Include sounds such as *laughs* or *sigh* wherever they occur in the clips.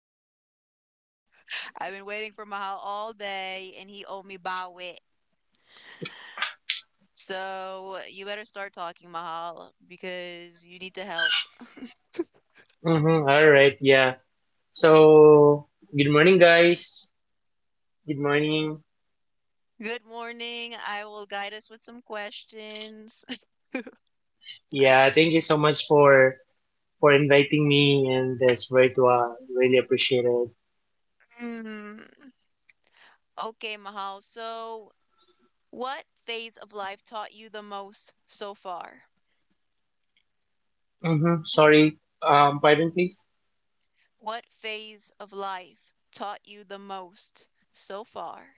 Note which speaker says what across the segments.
Speaker 1: successful. *laughs* I've been waiting for Mahal all day, and he owed me by wit. So you better start talking, Mahal, because you need to help.
Speaker 2: Mm-hmm. All right. Yeah. So, good morning, guys. Good morning.
Speaker 1: Good morning. I will guide us with some questions. *laughs*
Speaker 2: Yeah. Thank you so much for inviting me, and that's right. Really appreciate it.
Speaker 1: Hmm. Okay, Mahal. So, what phase of life taught you the most so far?
Speaker 2: Mm-hmm. Sorry. Pardon, please.
Speaker 1: What phase of life taught you the most so far?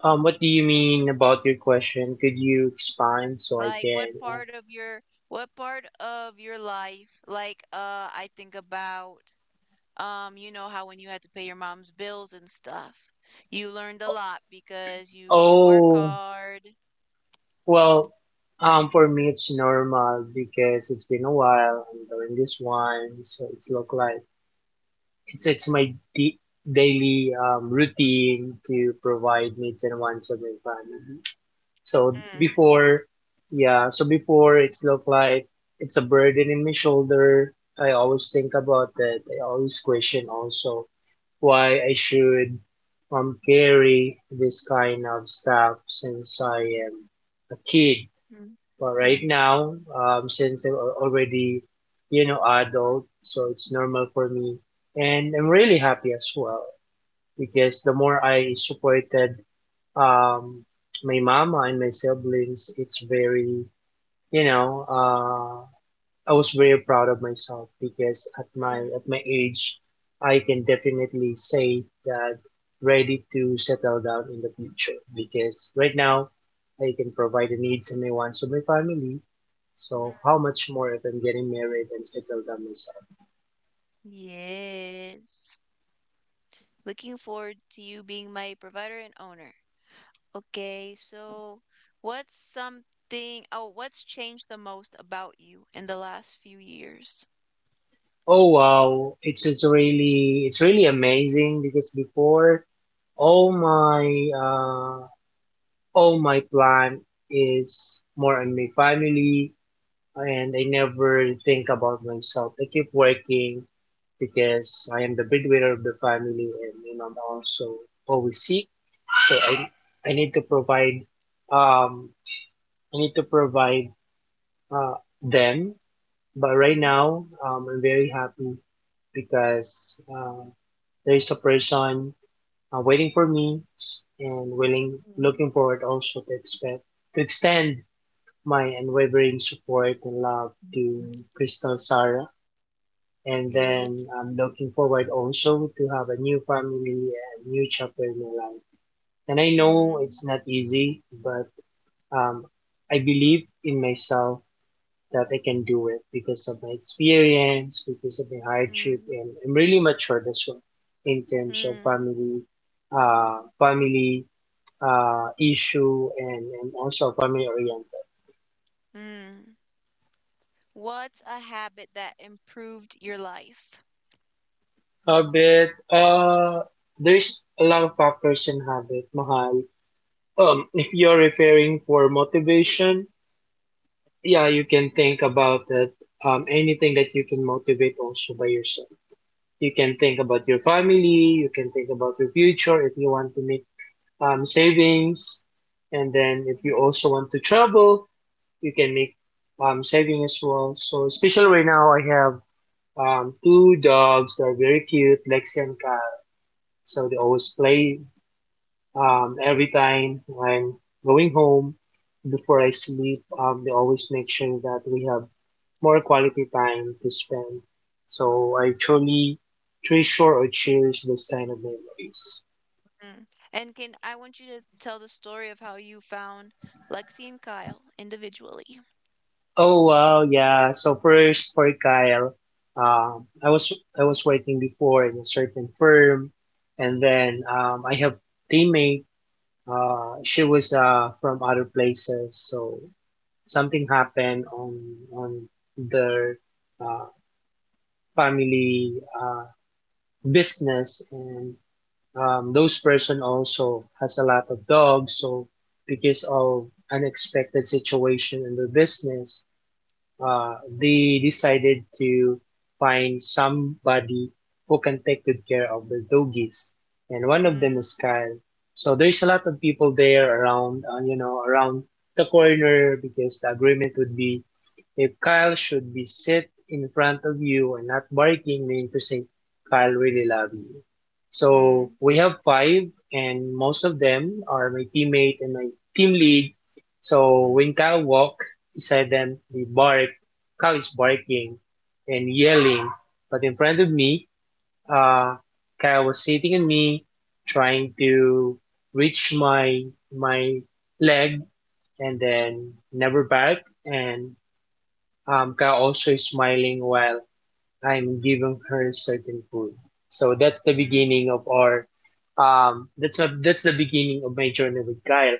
Speaker 2: What do you mean about your question? Could you expand so I
Speaker 1: Like
Speaker 2: can?
Speaker 1: what part of your what part of your life? Like I think about you know how when you had to pay your mom's bills and stuff, you learned a lot because you work
Speaker 2: Oh,
Speaker 1: hard.
Speaker 2: well. For me, it's normal because it's been a while. I'm doing this one, so it's look like it's my daily routine to provide needs and wants of my family. So before, yeah, so before it's looked like it's a burden in my shoulder. I always think about that. I always question also why I should carry this kind of stuff since I am a kid.
Speaker 1: Mm,
Speaker 2: But right
Speaker 1: mm,
Speaker 2: now, since I'm already, adult, so it's normal for me. And I'm really happy as well because the more I supported um, my mama and my siblings, it's very, you know, I was very proud of myself because at my
Speaker 1: mm.
Speaker 2: at my age, I can definitely say that ready to settle down in the future because right now I can provide the needs and the wants of my family, so how much more than getting married and settle down myself?
Speaker 1: Yes. Looking forward to you being my provider and owner. Okay, so what's changed the most about you in the last few years?
Speaker 2: Oh wow, it's really amazing because before all my uh all my plan is more on my family, and I never think about myself. I keep working because I am the breadwinner of the family and my mom also always sick. So I need to provide um I need to provide uh them. But right now, I'm very happy because there is a person waiting for me and willing,
Speaker 1: Mhm.
Speaker 2: looking forward also to expect to extend my unwavering support and love to Crystal Sarah. And then
Speaker 1: Yes.
Speaker 2: I'm looking forward also to have a new family and new chapter in my life. And I know
Speaker 1: Mm,
Speaker 2: it's not easy, but um, I believe in myself that I can do it because of my experience, because of my hardship,
Speaker 1: mm,
Speaker 2: and I'm really matured as well in terms of
Speaker 1: mm,
Speaker 2: family, family issue, and also family oriented.
Speaker 1: mm. What's a habit that improved your life?
Speaker 2: Habit, there's a lot of factors in habit, Mahal. If you're referring for motivation, yeah, you can think about that. Anything that you can motivate also by yourself. You can think about your family. You can think about your future if you want to make savings. And then if you
Speaker 1: Mhm.
Speaker 2: also want to travel, you can make saving as well. So especially right now, I have two dogs that are very cute, Lexi and Kyle. So they always play every time when going home before I sleep. They always make sure that we have more quality time to spend. So I truly treasure or cherish those kind of memories.
Speaker 1: Mm. And can I want you to tell the story of how you found Lexi and Kyle individually?
Speaker 2: Oh wow, yeah. So first for Kyle, um, I was I was working before in a certain firm, and then I have teammate. She was from other places, so something happened on their uh, family business, and those person also has a lot of dogs. So because of unexpected situation in their business, uh, they decided to find somebody who can take good care of the doggies. And one of them
Speaker 1: Mm,
Speaker 2: is Kyle. So there's a lot of people there around the corner because the agreement would be if Kyle should be sit in front of you and not barking, meaning to say, Kyle really love you. So
Speaker 1: mm,
Speaker 2: we have five, and most of them are my teammate and my team lead. So
Speaker 1: mm,
Speaker 2: when Kyle walk beside them, they bark. Kyle is barking and yelling, but in front of me, uh, Kyle was sitting on me, trying to reach my leg, and then never bark, and Amka also is smiling while I'm giving her certain food. So that's the
Speaker 1: mm,
Speaker 2: beginning of our that's not that's the beginning of my journey with Kyle.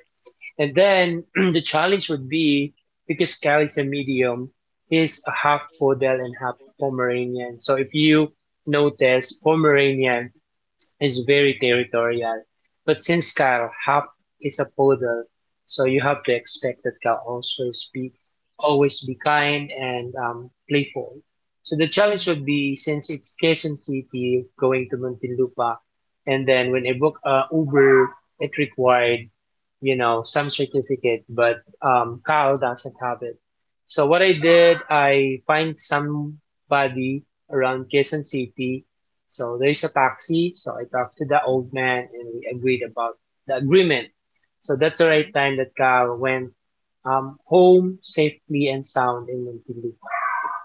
Speaker 2: And then *clears throat* the challenge would be because Kyle is a medium, he's a half
Speaker 1: mm,
Speaker 2: poodle and half Pomeranian. So if you notice, Pomeranian is very territorial. But since Kyle Hap is a poodle, so you have to expect that Kyle always be kind and playful. So the challenge would be, since it's Quezon City going to Muntinlupa, and then when I book Uber, it required some certificate, but Kyle doesn't have it. So what I did, I find somebody around Quezon City, so there's a taxi. So I talked to the old man and we agreed about the agreement. So that's the right
Speaker 1: mm,
Speaker 2: time that Carl went home safely and sound in Muntinlupa.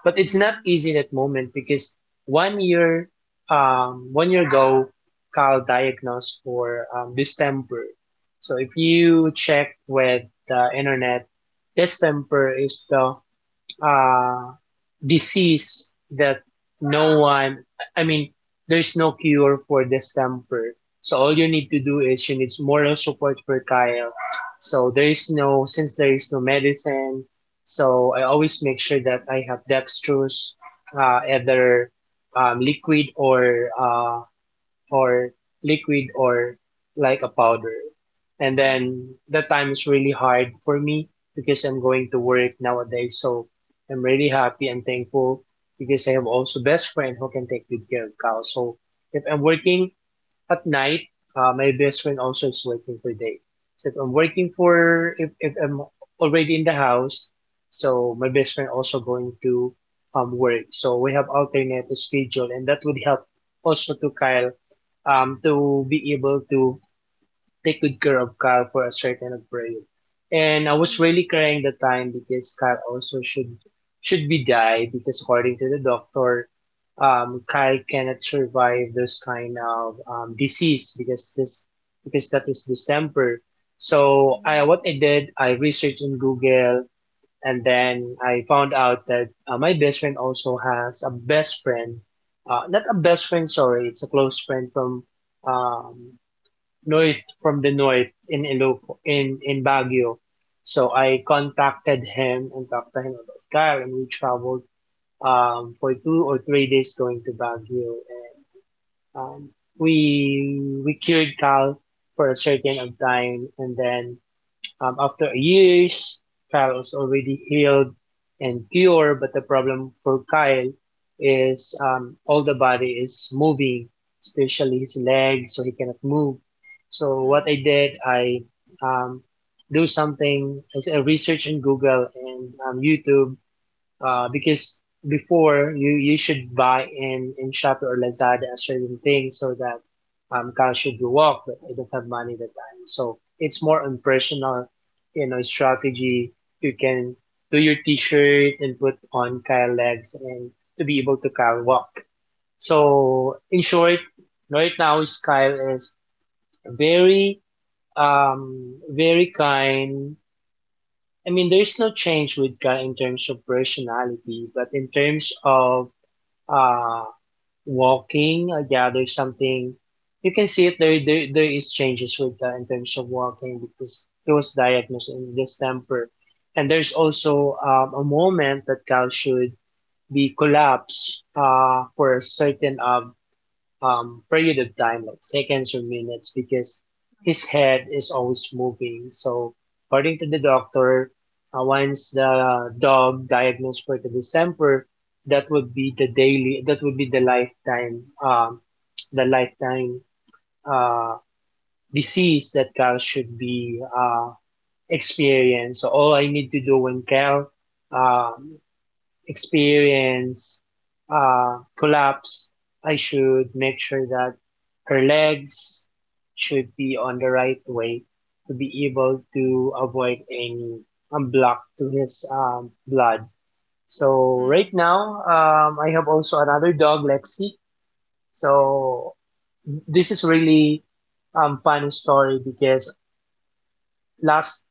Speaker 2: But it's not
Speaker 1: mm,
Speaker 2: easy that moment because one year, one year ago, Carl diagnosed for distemper. So if you check with the internet, distemper is the uh, disease that no one, I mean, there's no cure for this temper. So all you need to do is you need moral support for Kyle. So there is no, since there is no medicine, so I always make sure that I have dextrose, either liquid or or like a powder. And
Speaker 1: mm.
Speaker 2: then that time is really hard for me because I'm going to
Speaker 1: Yeah.
Speaker 2: work nowadays. So I'm really happy and thankful because I have also best friend who can take good care of cows. So if I'm working, at night, my best friend also is working for day. So if I'm working for, if I'm already in the house, so my best friend also going to work. So we have alternate schedule and that would help also to Kyle to be able to take good care of Kyle for a certain upgrade. And I was
Speaker 1: Mm,
Speaker 2: really crying the time because Kyle also should be died because, according to the doctor, Kyle cannot survive this kind of disease because that is distemper. So
Speaker 1: mm,
Speaker 2: I what I did, I researched in Google, and then I found out that my best friend also has a best friend, not a best friend, sorry, it's a close friend from um, north from the north, in Iloco,
Speaker 1: mm,
Speaker 2: in Baguio. So I contacted him and talked to him about Kyle, and we traveled for 2 or 3 days going to Baguio, and um, we cured Kyle for a certain of time, and then, after years, Kyle was already healed and cured, but the problem for Kyle is, all the body is moving, especially his legs, so he cannot move. So what
Speaker 1: mm,
Speaker 2: I did, I um, do something, I research on Google and YouTube because before, you should buy in Shopee or Lazada a certain thing so that cash should be walk, but I don't have money that time. So it's more on personal, strategy. You can do your t-shirt and put on Kyle legs and to be able to Kyle walk. So in short, right now is Kyle is very very kind, I mean, there is no change with Guy in terms of personality, but in terms of uh, walking, yeah, there's something, you can see it. There is changes with Guy in terms of walking because he was diagnosed in distemper, and there's also a moment that Cal should be collapsed for a certain period of time, like seconds or minutes, because his head is always moving. So, according to the doctor, once the dog diagnosed for the distemper, that would be the daily, that would be the lifetime uh, disease that Cal should be experienced. So, all I need to do when Cal uh, experience collapse, I should make sure that her legs should be on the right way, to be able
Speaker 1: mm,
Speaker 2: to avoid any block to his blood. So
Speaker 1: mm,
Speaker 2: right now, I have also another dog, Lexi. So this is really funny story because, last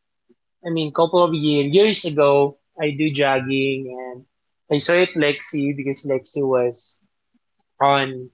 Speaker 2: I mean, couple of years ago, I do jogging and I saw it Lexi because Lexi was on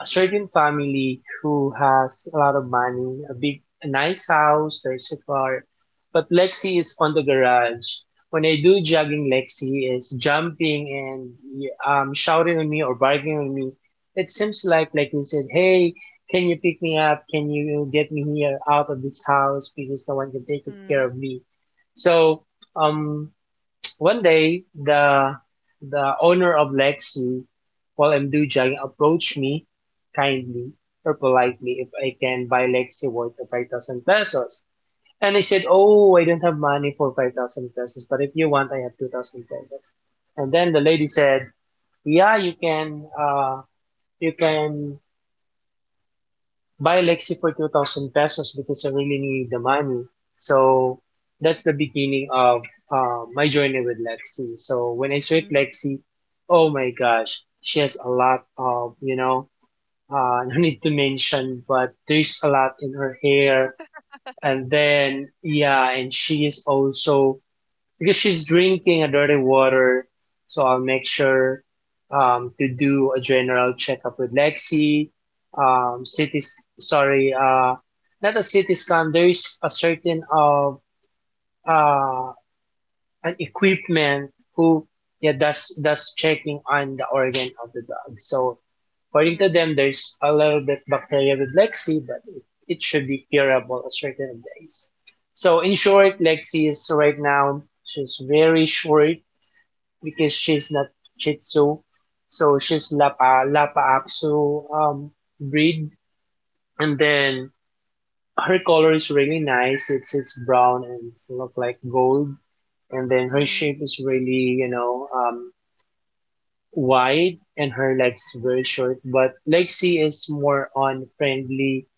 Speaker 2: a certain family who has a lot of money, a big, a nice house, there's a car, but Lexi is on the garage. When I do jogging, Lexi is jumping and shouting at me or barking at me. It seems like Lexi said, "Hey, can you pick me up? Can you get me here out of this house because no one can
Speaker 1: mm,
Speaker 2: take
Speaker 1: mm,
Speaker 2: care of me?" So um, One day, the owner of Lexi, Paul M. Dujay, approached me kindly or politely if I can buy Lexi worth of 5,000 pesos. And I said, "Oh, I don't have money for 5,000 pesos, but if you want, I have 2,000 pesos." And then the lady said, "Yeah, you can, you can buy Lexi for 2,000 pesos because I really need the money." So that's the beginning of my journey with Lexi. So when I saw
Speaker 1: mm,
Speaker 2: Lexi, oh my gosh, she has a lot of, *laughs* no need to mention, but there's a lot in her hair. And then, yeah, and she is also because she's drinking a dirty water. So I'll make sure to do a general checkup with Lexi. Cities, sorry, not a city scan. There's a certain of uh, an equipment who yeah does checking on the organ of the dog. So according to
Speaker 1: mm,
Speaker 2: them, there's a little bit bacteria with Lexi, but it should be curable a certain days. So in short, Lexi is right now she's very short because she's not Chitsu, so she's Lapa Lapa Apso breed, and then her color is really nice. It's brown and it's look like gold, and then her
Speaker 1: mm,
Speaker 2: shape is really wide and her legs
Speaker 1: mm,
Speaker 2: were short. But Lexi is more on friendly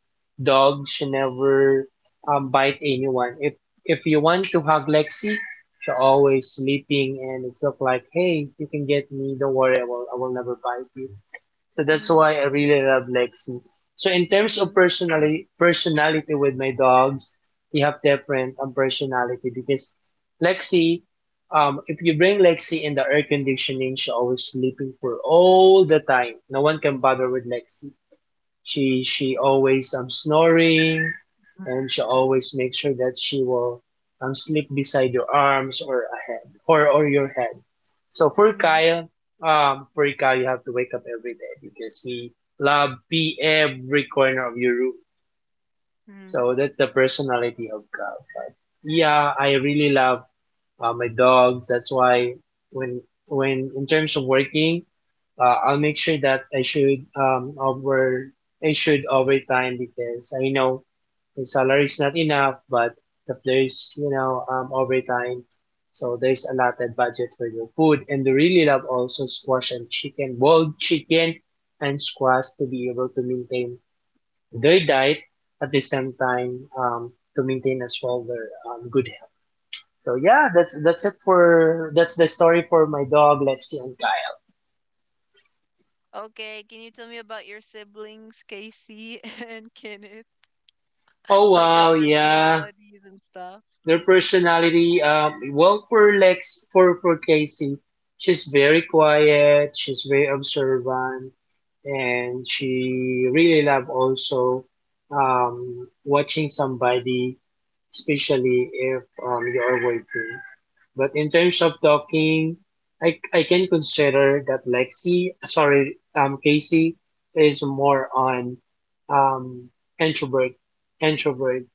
Speaker 2: dog. She never bite anyone. If you want to hug Lexi, she always sleeping and it's look like, "Hey, you can get me. Don't worry, I will never bite you." So that's
Speaker 1: mm,
Speaker 2: why I really love Lexi. So in terms
Speaker 1: mm.
Speaker 2: of personality with my dogs, we have different personality because Lexi, if you bring Lexi in the air conditioning, she always sleeping for all the time. No one can bother with Lexi. She always snoring,
Speaker 1: Mm.
Speaker 2: and she always makes sure that she will sleep beside your arms or ahead or your head. So
Speaker 1: Mm.
Speaker 2: For Kyle you have to wake up every day because he love pee every corner of your room.
Speaker 1: Mm.
Speaker 2: So that's the personality of Kyle. But yeah, I really love my dogs. That's why when in terms of working I'll make sure that I should over time because I know the salary is not enough, but if there's overtime, so there's a lot of budget for your food, and they really love also squash and chicken, boiled chicken and squash to be able to maintain their diet at the same time to maintain as well their good health. So yeah, that's the story for my dog Lexi and Kai.
Speaker 1: Okay, can you tell me about your siblings, Casey *laughs* and Kenneth?
Speaker 2: Oh
Speaker 1: Like their
Speaker 2: wow, yeah.
Speaker 1: personalities and stuff.
Speaker 2: Their personality, well, for Lex, for Casey, she's very quiet. She's very observant, and she really love also watching somebody, especially if you are waiting. But in terms of talking, I can consider that Lexi, sorry, Casey is more on um, introvert, introvert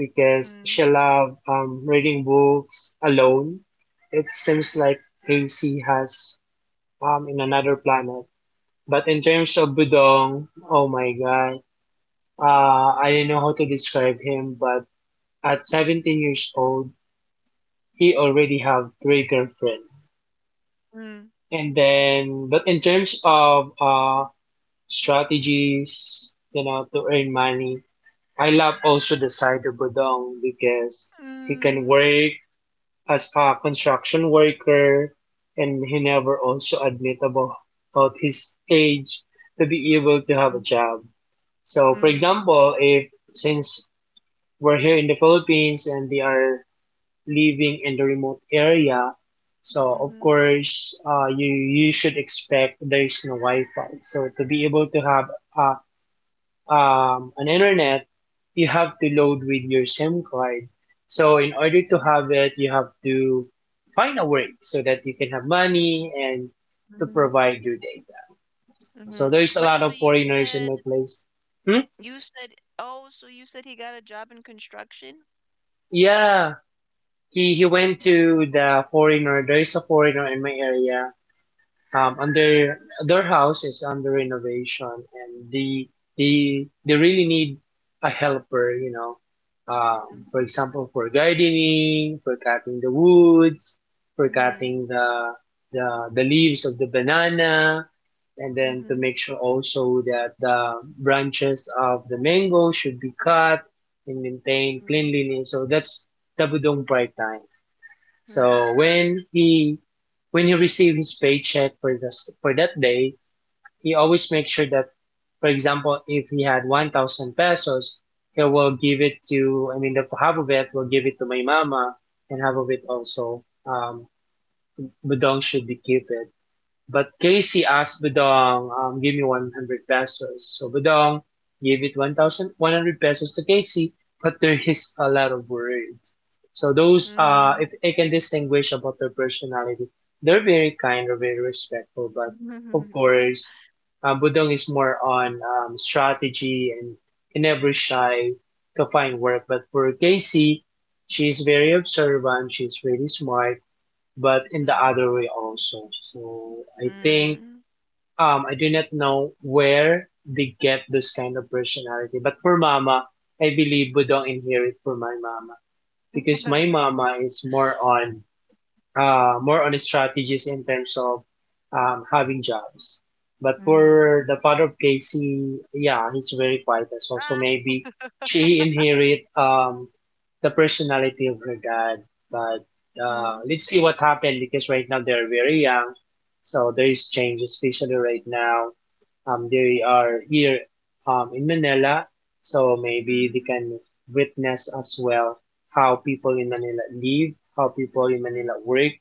Speaker 2: because
Speaker 1: Mm.
Speaker 2: she love reading books alone. It seems like Casey has in another planet. But in terms of Budong, oh my god, I don't know how to describe him, but at 17 years old, he already have three girlfriends.
Speaker 1: Mm.
Speaker 2: And then, but in terms of strategies, to earn money, I love also the side of Budong because he
Speaker 1: Mm.
Speaker 2: can work as a construction worker and he never also admit about his age to be able to
Speaker 1: Mm.
Speaker 2: have a job. So, for
Speaker 1: Mm.
Speaker 2: example, if since we're here in the Philippines and they are living in the remote area, so
Speaker 1: Mm-hmm.
Speaker 2: of course you should expect there's no Wi-Fi. So to be able to have uh, an internet, you have to load with your SIM card. So in order to have it, you have to find a work so that you can have money and to
Speaker 1: Mm-hmm.
Speaker 2: provide your data.
Speaker 1: Mm-hmm.
Speaker 2: So there's a
Speaker 1: Wait,
Speaker 2: lot
Speaker 1: so
Speaker 2: of foreigners in my place. Hmm?
Speaker 1: you said you said he got a job in construction?
Speaker 2: Yeah, he went to the foreigner. There's a foreigner in my area. And their house is under renovation, and they really need a helper.
Speaker 1: Mm-hmm.
Speaker 2: For example, for gardening, for cutting the woods, for
Speaker 1: Mm-hmm.
Speaker 2: cutting the leaves of the banana, and then
Speaker 1: Mm-hmm.
Speaker 2: to make sure also that the branches of the mango should be cut and maintain cleanliness. So that's the Budong Pride time.
Speaker 1: Mm-hmm.
Speaker 2: So when he received his paycheck for this for that day, he always makes sure that, for example, if he had 1,000 pesos, he will give it to I mean, the half of it will give it to my mama and half of it also Budong should be keep it. But Casey asked Budong, "Give me 100 pesos." So Budong gave it 1,100 pesos to Casey, but there is a lot of words. So those,
Speaker 1: Mm-hmm.
Speaker 2: if I can distinguish about their personality, they're very kind or very respectful, but of course, Budong is more on strategy and can never shy to find work. But for Casey, she's very observant, she's really smart, but in the other way also. So I think
Speaker 1: Mm-hmm.
Speaker 2: I do not know where they get this kind of personality. But for mama, I believe Budong inherit from my mama because my
Speaker 1: *laughs*
Speaker 2: mama is more on strategies in terms of having jobs. But for
Speaker 1: Mm.
Speaker 2: the father of Casey, yeah, he's very quiet as well. So
Speaker 1: Ah.
Speaker 2: maybe she inherit the personality of her dad. But
Speaker 1: Mm.
Speaker 2: let's see what happened because right now they're very young. So there is change, especially right now. They are here in Manila. So maybe they
Speaker 1: Mm.
Speaker 2: can witness as well how people in Manila live, how people in Manila
Speaker 1: Mm.
Speaker 2: work.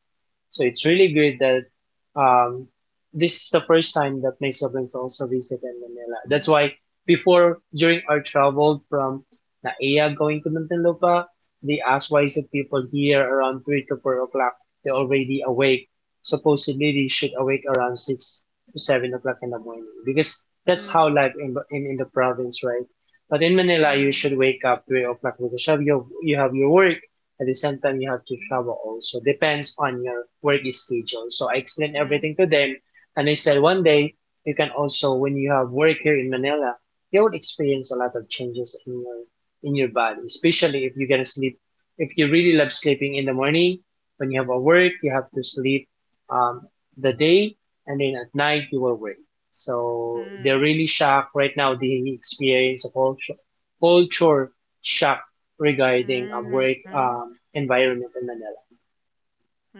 Speaker 2: So it's really good that this is the first time that my siblings also visited Manila. That's
Speaker 1: Mhm.
Speaker 2: why before, during our travel from Naia going to Muntinlupa, they asked why is it people here around 3 to 4 o'clock, they're already awake. Supposedly they should awake around 6 to 7 o'clock in the morning because that's how
Speaker 1: Mm,
Speaker 2: life in the province, right? But in Manila, you
Speaker 1: mm,
Speaker 2: should wake up 3 o'clock because you have your work. At the same time, you have to
Speaker 1: mhm,
Speaker 2: travel also. Depends on your work schedule. So I explained
Speaker 1: mm,
Speaker 2: everything to them, and I said one day you can also when you have work here in Manila, you would experience a lot of changes in your body, especially if you're gonna sleep. If you really love sleeping in the morning, when you have a work, you have to sleep um, the day, and then at night you will work. So they're
Speaker 1: mm,
Speaker 2: really shocked right now. They experience a culture, culture shock regarding
Speaker 1: mm,
Speaker 2: work
Speaker 1: mm,
Speaker 2: environment in Manila.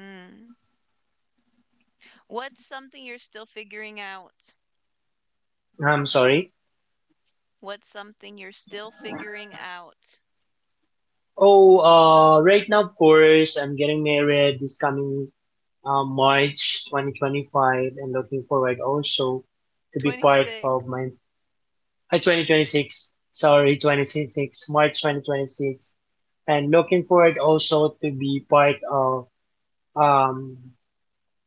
Speaker 1: mm. What's something you're still figuring out?
Speaker 2: I'm sorry.
Speaker 1: What's something you're still figuring out?
Speaker 2: Oh, right now, of course, I'm getting married this coming March 2025 and looking forward also to be part of
Speaker 1: 26.
Speaker 2: my 2026. Sorry, 2026, March 2026 and looking forward also to be part of um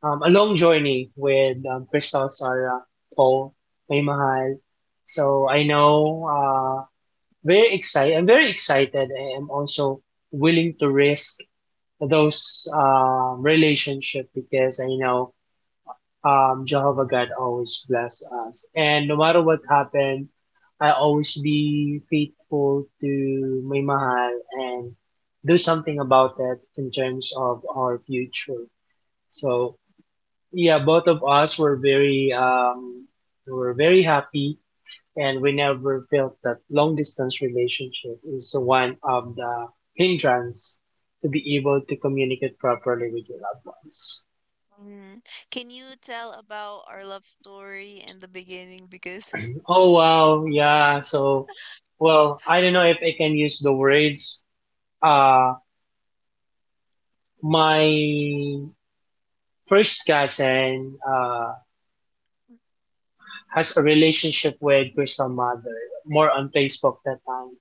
Speaker 2: a long journey with Crystal Sarah, Paul, May Mahal. So I know, very excited. I'm very excited. I am also willing to risk those relationship because I know Jehovah God always bless us, and no matter what happened, I always be faithful to May Mahal and do something about it in terms of our future. So yeah, both of us were very happy and we never felt that long distance relationship is one of the hindrance to be able to communicate properly with your loved ones.
Speaker 1: Mm. Can you tell about our love story in the beginning? Because
Speaker 2: Oh wow, yeah. So well, I don't know if I can use the words. Uh my first cousin has a relationship with Crystal Mother, more on Facebook that time.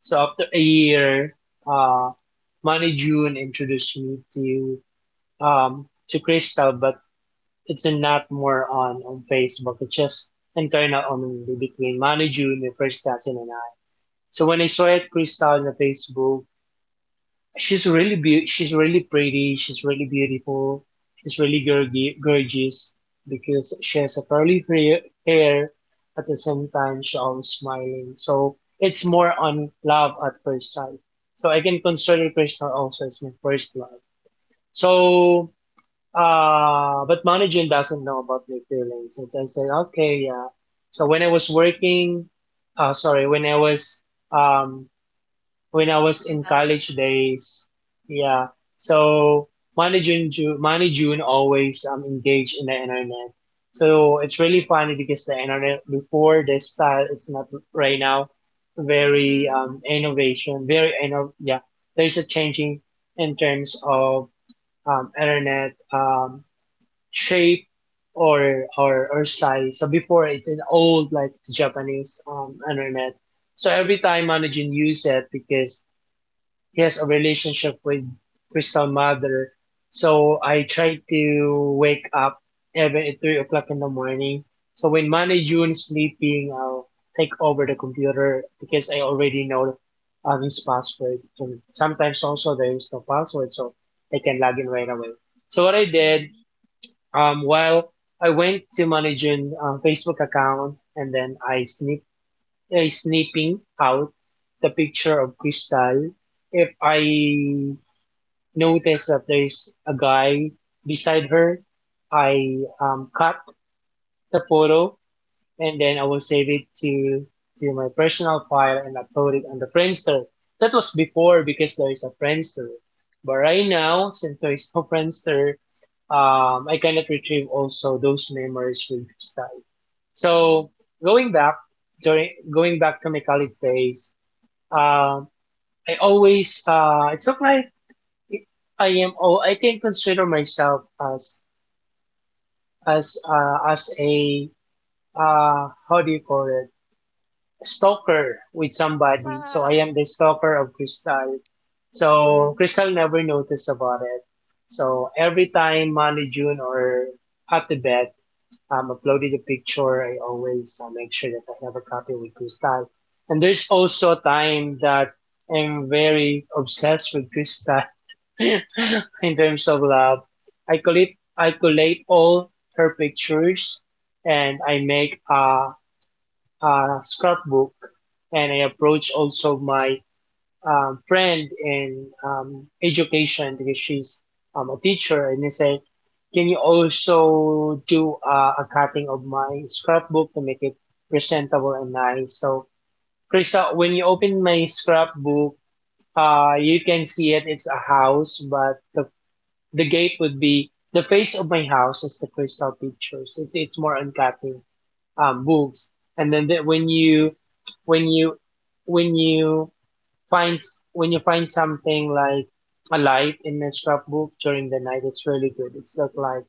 Speaker 2: So after a year, uh, Manny June introduced me to Crystal, but it's not more on Facebook. It's just internal only between Manny June and First Cousin and I. So when I saw it Crystal on the Facebook, She's really pretty. She's really beautiful. She's really gorgeous because she has a curly hair. At the same time, she always smiling. So it's more on love at first sight. So I can consider Crystal also as my first love. So, but Manijin doesn't know about my feelings. And I said, okay, yeah. So when I was working, sorry, um, when I was in
Speaker 1: in
Speaker 2: college
Speaker 1: college.
Speaker 2: days. Yeah. So Monday, June always engaged in the internet. So it's really funny because the internet before this style is not right now very
Speaker 1: Mm-hmm.
Speaker 2: innovation, yeah. There's a changing in terms of internet shape or size. So before it's an old like Japanese internet. So every time managing use it because he has a relationship with Crystal Mother. So I try to wake up even at 3 o'clock in the morning. So when Manny June is sleeping, I'll take over the computer because I already know his password. So sometimes also there is no password, so I can log in right away. So what I did,
Speaker 1: Mm.
Speaker 2: while I went to Manny June's Facebook account, and then I sneak snipping out the picture of Crystal, if I notice that there's a guy beside her, I cut the photo and then I will save it to my personal file and upload it on the Friendster. That was before because there is a Friendster, but right now since there is no Friendster, I cannot retrieve also those memories with Crystal. So
Speaker 1: Mhm.
Speaker 2: going back going back to my college days, Um, I always it's not like it- I am. Oh, I can consider myself as as a how do you call it, stalker with somebody. So I
Speaker 1: Ah.
Speaker 2: am the stalker of Crystal. So
Speaker 1: Mm.
Speaker 2: Crystal never noticed about it. So every time Manny June or Ate Beth uploaded a picture, I always make sure that I have a copy with Crystal. And there's also a time that I'm very obsessed with Crystal *laughs* in terms of love. I collate all her pictures and I a scrapbook, and I approach also my friend in education because she's a teacher, and he said, "Can you also do a cutting of my scrapbook to make it presentable and nice?" So, Krista, when you open my scrapbook, you can see it. It's a house, but the gate would be the face of my house is the crystal pictures. It's more on cutting books, and then when you when you when you finds when you find something like a light in a scrapbook during the night, it's really good. It's look like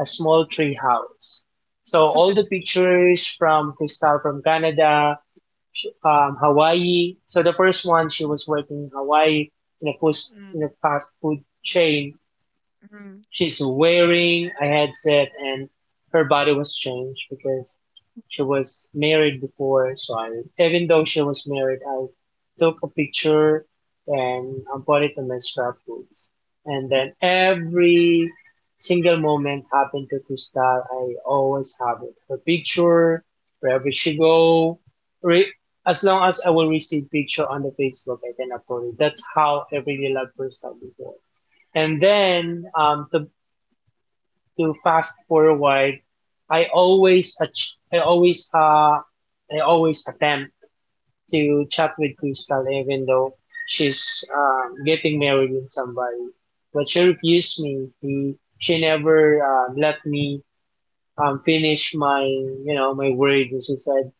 Speaker 2: a small tree house. So all the
Speaker 1: *laughs*
Speaker 2: pictures from Crystal from Canada, Hawaii. So the first one, she was working in Hawaii in a fast in a
Speaker 1: Mm,
Speaker 2: fast food chain,
Speaker 1: mm,
Speaker 2: she's wearing a headset, and her body was changed because she was married before. So I, even though she was married, I took a picture and I put it in my scrapbooks. And then every single moment happened to Crystal, I always have it. Her picture, wherever she go, re- as long as I will receive picture on the Facebook, I can upload it. That's how I really love Crystal before. And then, to fast forward, I always ach- I always uh I always attempt to chat with Crystal even though she's getting married with somebody. But she refused me. She never let me finish my my word. And she said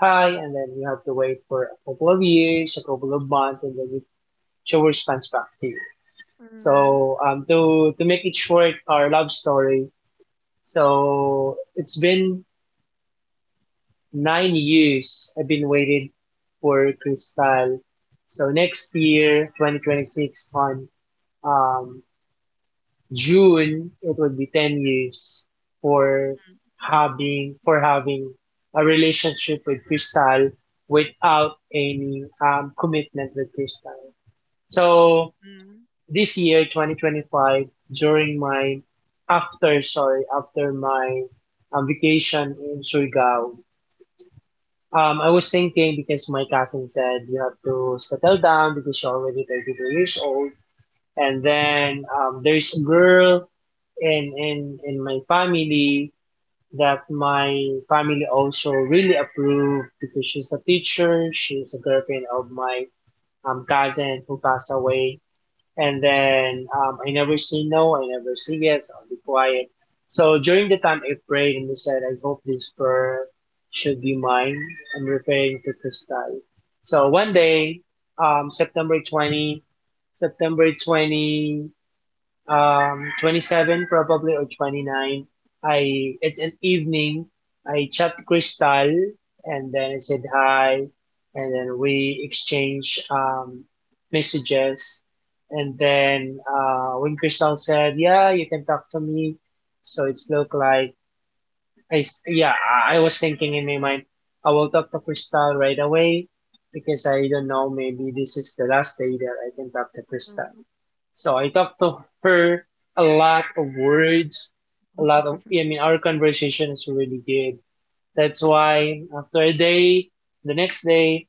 Speaker 2: hi, and then you have to wait for a couple of years, a couple of months, and then she will response back to you.
Speaker 1: mm,
Speaker 2: So to make it short, our love story, so it's been 9 years I've been waiting for Cristal. So next year, 2026, on um, June, it would be 10 years for
Speaker 1: mm,
Speaker 2: having a relationship with Cristal without any commitment with Cristal. So
Speaker 1: mm,
Speaker 2: this year, 2025, during my after my vacation in Surigao, I was thinking because my cousin said you have to settle down because you're already 32 years old. And then there's a girl in my family that my family also really approved because she's a teacher. She's a girlfriend of my cousin who passed away, and then I never say no, I never say yes, I'll be quiet. So during the time I prayed and I said, I hope this prayer should be mine. I'm referring to Kristal. So one
Speaker 1: mm,
Speaker 2: day, um, September 20, September 20, 27 probably or 29, I it's an evening. I chat crystal and then I said hi, and then we exchange messages, and then when crystal said yeah, you can talk to me. So it's looked like yeah, I was thinking in my mind, I will talk to Crystal right away because I don't know, maybe this is the last day that I can talk to Crystal.
Speaker 1: mm,
Speaker 2: So I talked to her a lot of words, a lot of, I mean, our conversation is really good. That's why after a day, the next day,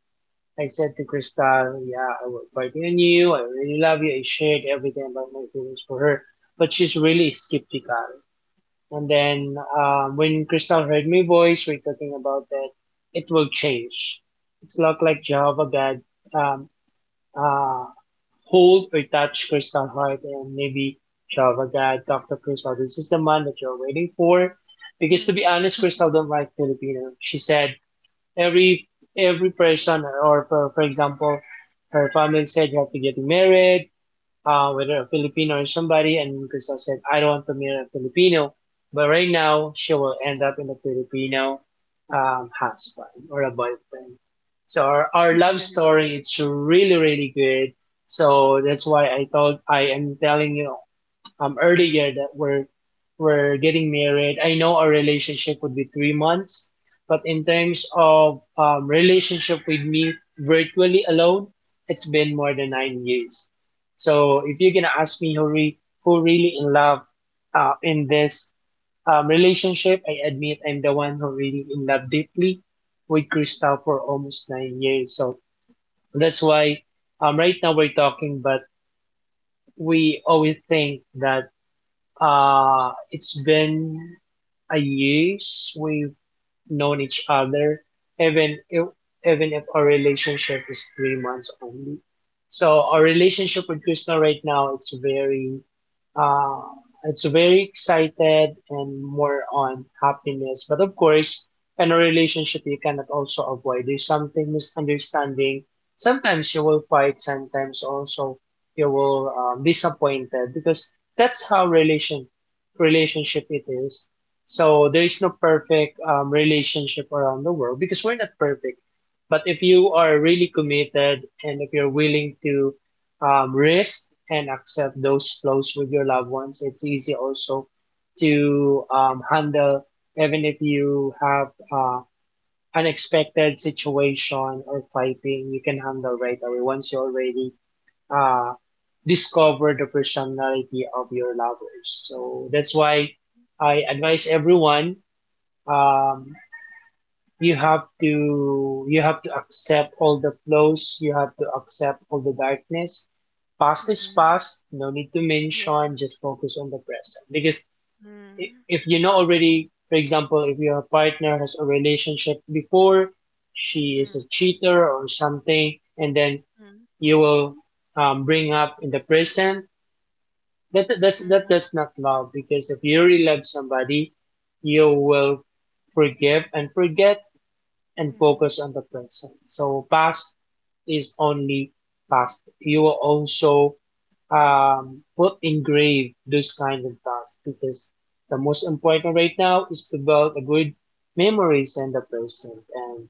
Speaker 2: I said to Crystal, yeah, I was fighting on you. I really love you. I shared everything about my feelings for her, but she's really skeptical. And then when Crystal heard my voice, we're talking about that, it will change. It's not like Jehovah God um, uh, hold or touch Crystal heart, and maybe Jehovah God talk to Crystal. This is the man that you're waiting for. Because to be
Speaker 1: mm, *laughs*
Speaker 2: honest, Crystal don't like Filipino. She said every every person or for example, her family said you have to get married, whether a Filipino or somebody, and Crystal said, I don't want to marry a Filipino. But right now, she will end up in a Filipino husband or a boyfriend. So our love story, it's really, really good. So that's why I thought I am telling you earlier that we're getting married. I know our relationship would be 3 months, but in terms of relationship with me virtually alone, it's been more than 9 years. So if you're gonna ask me who really in love in this relationship, I admit I'm the one who really in love deeply with Crystal for almost 9 years. So that's why right now we're talking, but we always think that it's been a years we've known each other, even if, even if our relationship is 3 months only. So our relationship with Krishna right now, uh, it's very excited and more on happiness. But of course, in a relationship, you cannot also avoid. There's something misunderstanding. Sometimes you will fight. Sometimes also you will disappointed because that's how relationship it is. So there is no perfect relationship around the world because we're not perfect. But if you are really committed and if you're willing to risk and accept those flows with your loved ones, it's easy also to handle, even if you have uh, unexpected situation or fighting, you can handle right away once you already uh, discover the personality of your lovers. So that's why I advise everyone, um, you have to accept all the flaws, you have to accept all the darkness. Past is
Speaker 1: mm.
Speaker 2: past, no need to
Speaker 1: Yeah.
Speaker 2: mention, just focus on the present, because
Speaker 1: Mhm,
Speaker 2: if you know already, for example, if your partner has a relationship before, she is a
Speaker 1: mhm,
Speaker 2: cheater or something, and then
Speaker 1: mhm,
Speaker 2: you will bring up in the present that
Speaker 1: mhm,
Speaker 2: that's not love. Because if you really love somebody, you will forgive and forget and
Speaker 1: mhm,
Speaker 2: focus on the present. So past is only past. You will also put engrave those kind of tasks because the most important right now is to build a good memories and the present. And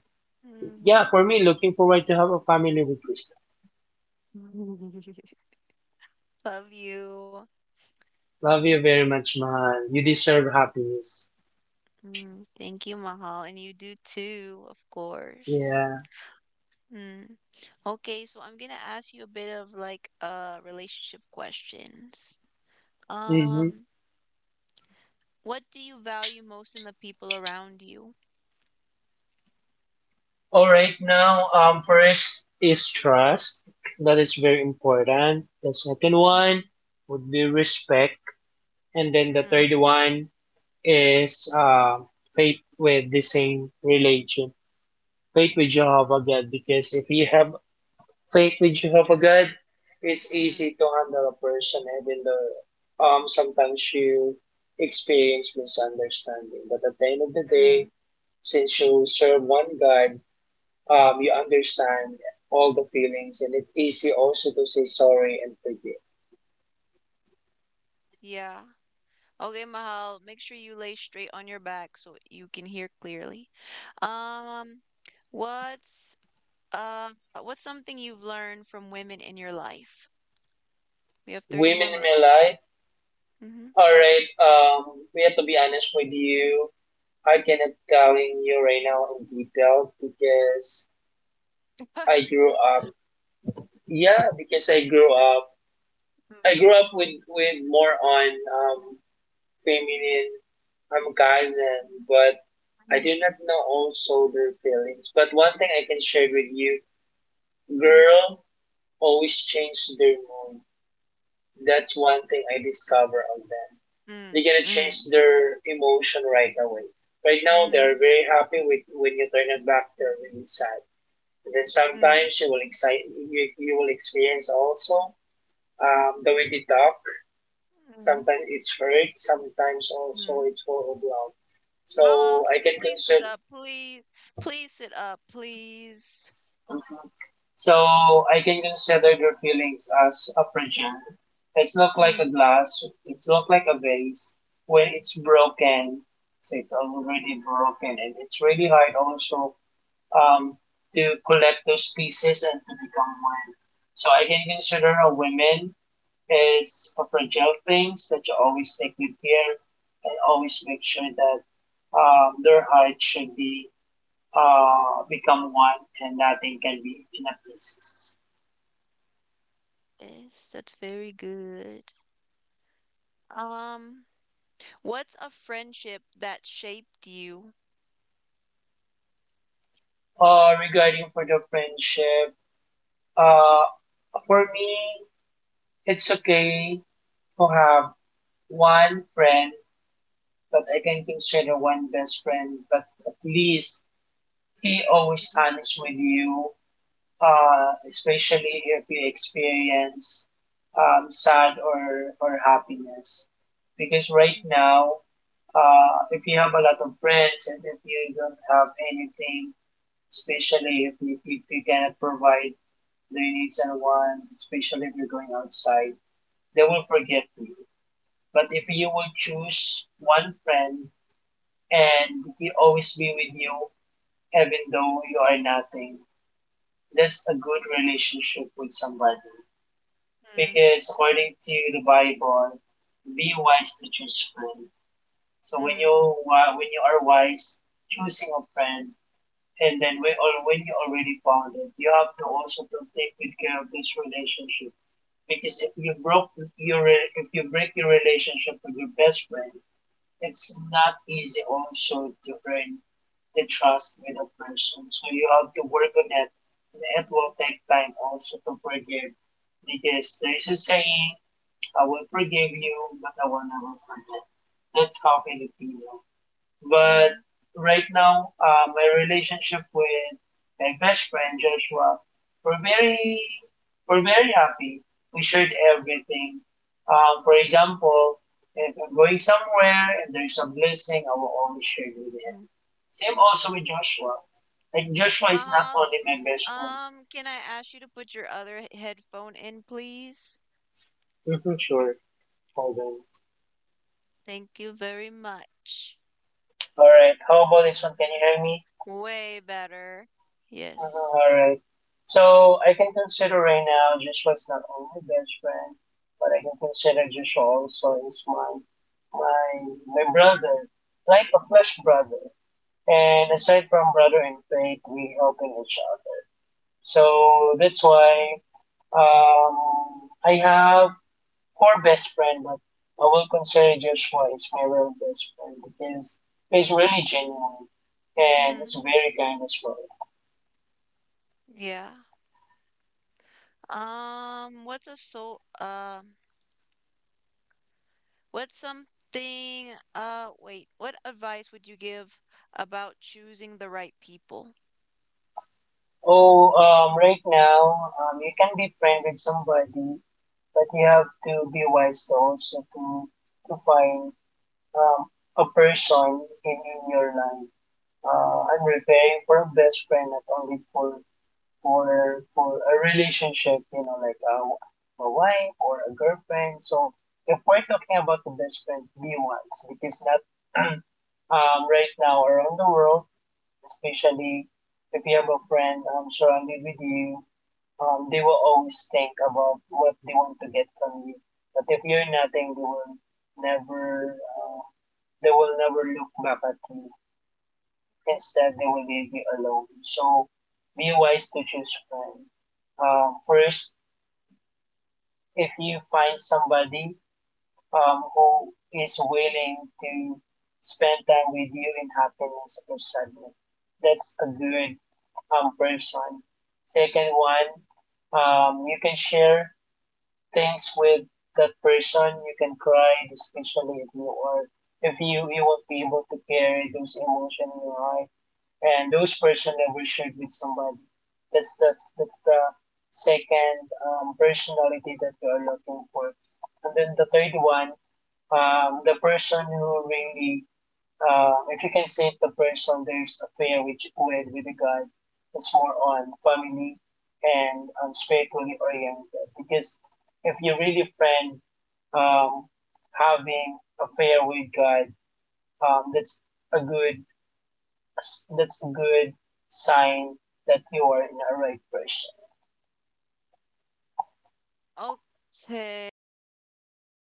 Speaker 2: yeah,
Speaker 1: mhm,
Speaker 2: for me, looking forward to have a family with Krista.
Speaker 1: mhm. *laughs* Love you.
Speaker 2: Love you very much, Mahal. You deserve happiness.
Speaker 1: Mm, thank you, Mahal. And you do too, of course.
Speaker 2: Yeah.
Speaker 1: Mm. Okay, so I'm gonna ask you a bit of like relationship questions.
Speaker 2: Mm-hmm.
Speaker 1: Um, what do you value most in the people around you?
Speaker 2: All right, now, first is trust. That is very important. The second
Speaker 1: Mhm.
Speaker 2: one would be respect. And then the third
Speaker 1: Mm,
Speaker 2: one is faith with the same religion. Faith with Jehovah God, because if you have faith with Jehovah God, it's easy
Speaker 1: mm,
Speaker 2: to handle a person, even though sometimes you experience misunderstanding. But at the end of the day,
Speaker 1: mm.
Speaker 2: since you serve one God, you understand all the feelings, and it's easy also to say sorry and forgive.
Speaker 1: Yeah. Okay, Mahal, make sure you lay straight on your back so you can hear clearly. Um, what's uh what's something you've learned from women in your life? We have 30
Speaker 2: Women
Speaker 1: more
Speaker 2: in
Speaker 1: minutes.
Speaker 2: my life,
Speaker 1: Mm-hmm.
Speaker 2: alright, we have to be honest with you. I cannot telling you right now in detail because
Speaker 1: *laughs* Ah,
Speaker 2: I grew up. Yeah, because I grew up. I grew up with more on um feminine guys, and but I
Speaker 1: mm,
Speaker 2: do not know also their feelings. But one thing I can share with you,
Speaker 1: mm,
Speaker 2: girl always change their mood. That's one thing I discover on them.
Speaker 1: mm,
Speaker 2: They gonna change
Speaker 1: mm,
Speaker 2: their emotion right away. Right now, they're
Speaker 1: mm,
Speaker 2: very happy, with when you turn it back, they're really sad. And then
Speaker 1: mm, mm,
Speaker 2: sometimes you will excite, you will experience also the way they talk.
Speaker 1: mm,
Speaker 2: Sometimes it's hurt. Sometimes also
Speaker 1: mm.
Speaker 2: it's horrible.
Speaker 1: Mahal,
Speaker 2: So I
Speaker 1: can you
Speaker 2: can
Speaker 1: please sit
Speaker 2: consider.
Speaker 1: up, please? Please sit up, please.
Speaker 2: Mhm. So I can consider their feelings as a fragile. It's not like a
Speaker 1: Mm.
Speaker 2: glass. It's not like a vase. When it's broken, so it's already broken, and it's really hard also um, to collect those pieces and to become one. So I can consider a woman as a fragile things that you always take good care, and always make sure that their heart should be become one, and nothing can be in a places.
Speaker 1: Yes, that's very good. Um, what's a friendship that shaped you?
Speaker 2: Regarding for the friendship, uh, for me, it's okay to have one friend, but I can consider one best friend, but at least he always honest with you, especially if we experience sad or happiness. Because right now, if you have a lot of friends and if you don't have anything, especially if you cannot provide their needs and wants, especially if you're going outside, they will forget you. But if you will choose one friend and he always be with you, even though you are nothing, that's a good relationship with somebody. Because according to the Bible, be wise to choose friend. So when you
Speaker 1: Mm,
Speaker 2: when you are wise, choosing a friend, and then when or when you already found it, you have to also to take good care of this relationship. Because if you broke your re- if you break your relationship with your best friend, it's not easy also to earn the trust with a person. So you have to work on that. And it will take time also to forgive because there's a saying, I will forgive you, but I will never forget. That's how Filipino. But
Speaker 1: mm,
Speaker 2: right now, my relationship with my best friend Joshua, we're very, we're very happy. We shared everything. For example, if I'm going somewhere and there's a blessing, I will always share it with him.
Speaker 1: mhm.
Speaker 2: Same also with Joshua. Like Joshua is not
Speaker 1: Mahal,
Speaker 2: only my best friend.
Speaker 1: can I ask you to put your other headphone in, please?
Speaker 2: Hmm, sure. Hold on.
Speaker 1: Thank you very much.
Speaker 2: All right. How about this one? Can you hear me?
Speaker 1: Way better.
Speaker 2: Uh,
Speaker 1: Yes.
Speaker 2: Alright. So I can consider right now Joshua's not only my best friend, but I can consider Joshua also is my my brother, like a flesh brother. And
Speaker 1: Mm-hmm.
Speaker 2: aside from brother in faith, we helping each other. So that's why, um, I have four best friend, but I will consider Joshua is my real best friend because he's really genuine and he's very kind as well.
Speaker 1: Yeah. What's a so what's something wait, what advice would you give about choosing the right people?
Speaker 2: Oh, right now, you can be friends with somebody, but you have to be wise also to find um, a person in your life. I'm referring for a best friend, not only for for a relationship, you know, like a wife or a girlfriend. So if we're talking about the best friend, be wise because not *clears throat* right now around the world, especially if you have a friend, surrounded with you, they will always think about what they want to get from you. But if you're nothing, never, uh, they will never look back at you. Instead, they will leave you alone. So, be wise to choose friends. First, if you find somebody who is willing to spend time with you in happiness or sadness, that's a good person. Second one, you can share things with that person, you can cry, especially if you are if you won't be able to carry those emotions in your life, and those person never shared with somebody. That's that's the second personality that you are looking for, and then the third one, the person who really, if you can save the person there's a prayer which with the God, it's more on family and, spiritually oriented. Because if you really friend, um, having a prayer with God, um, that's a good that's a good sign that you are in a right person.
Speaker 1: Okay, Mahal.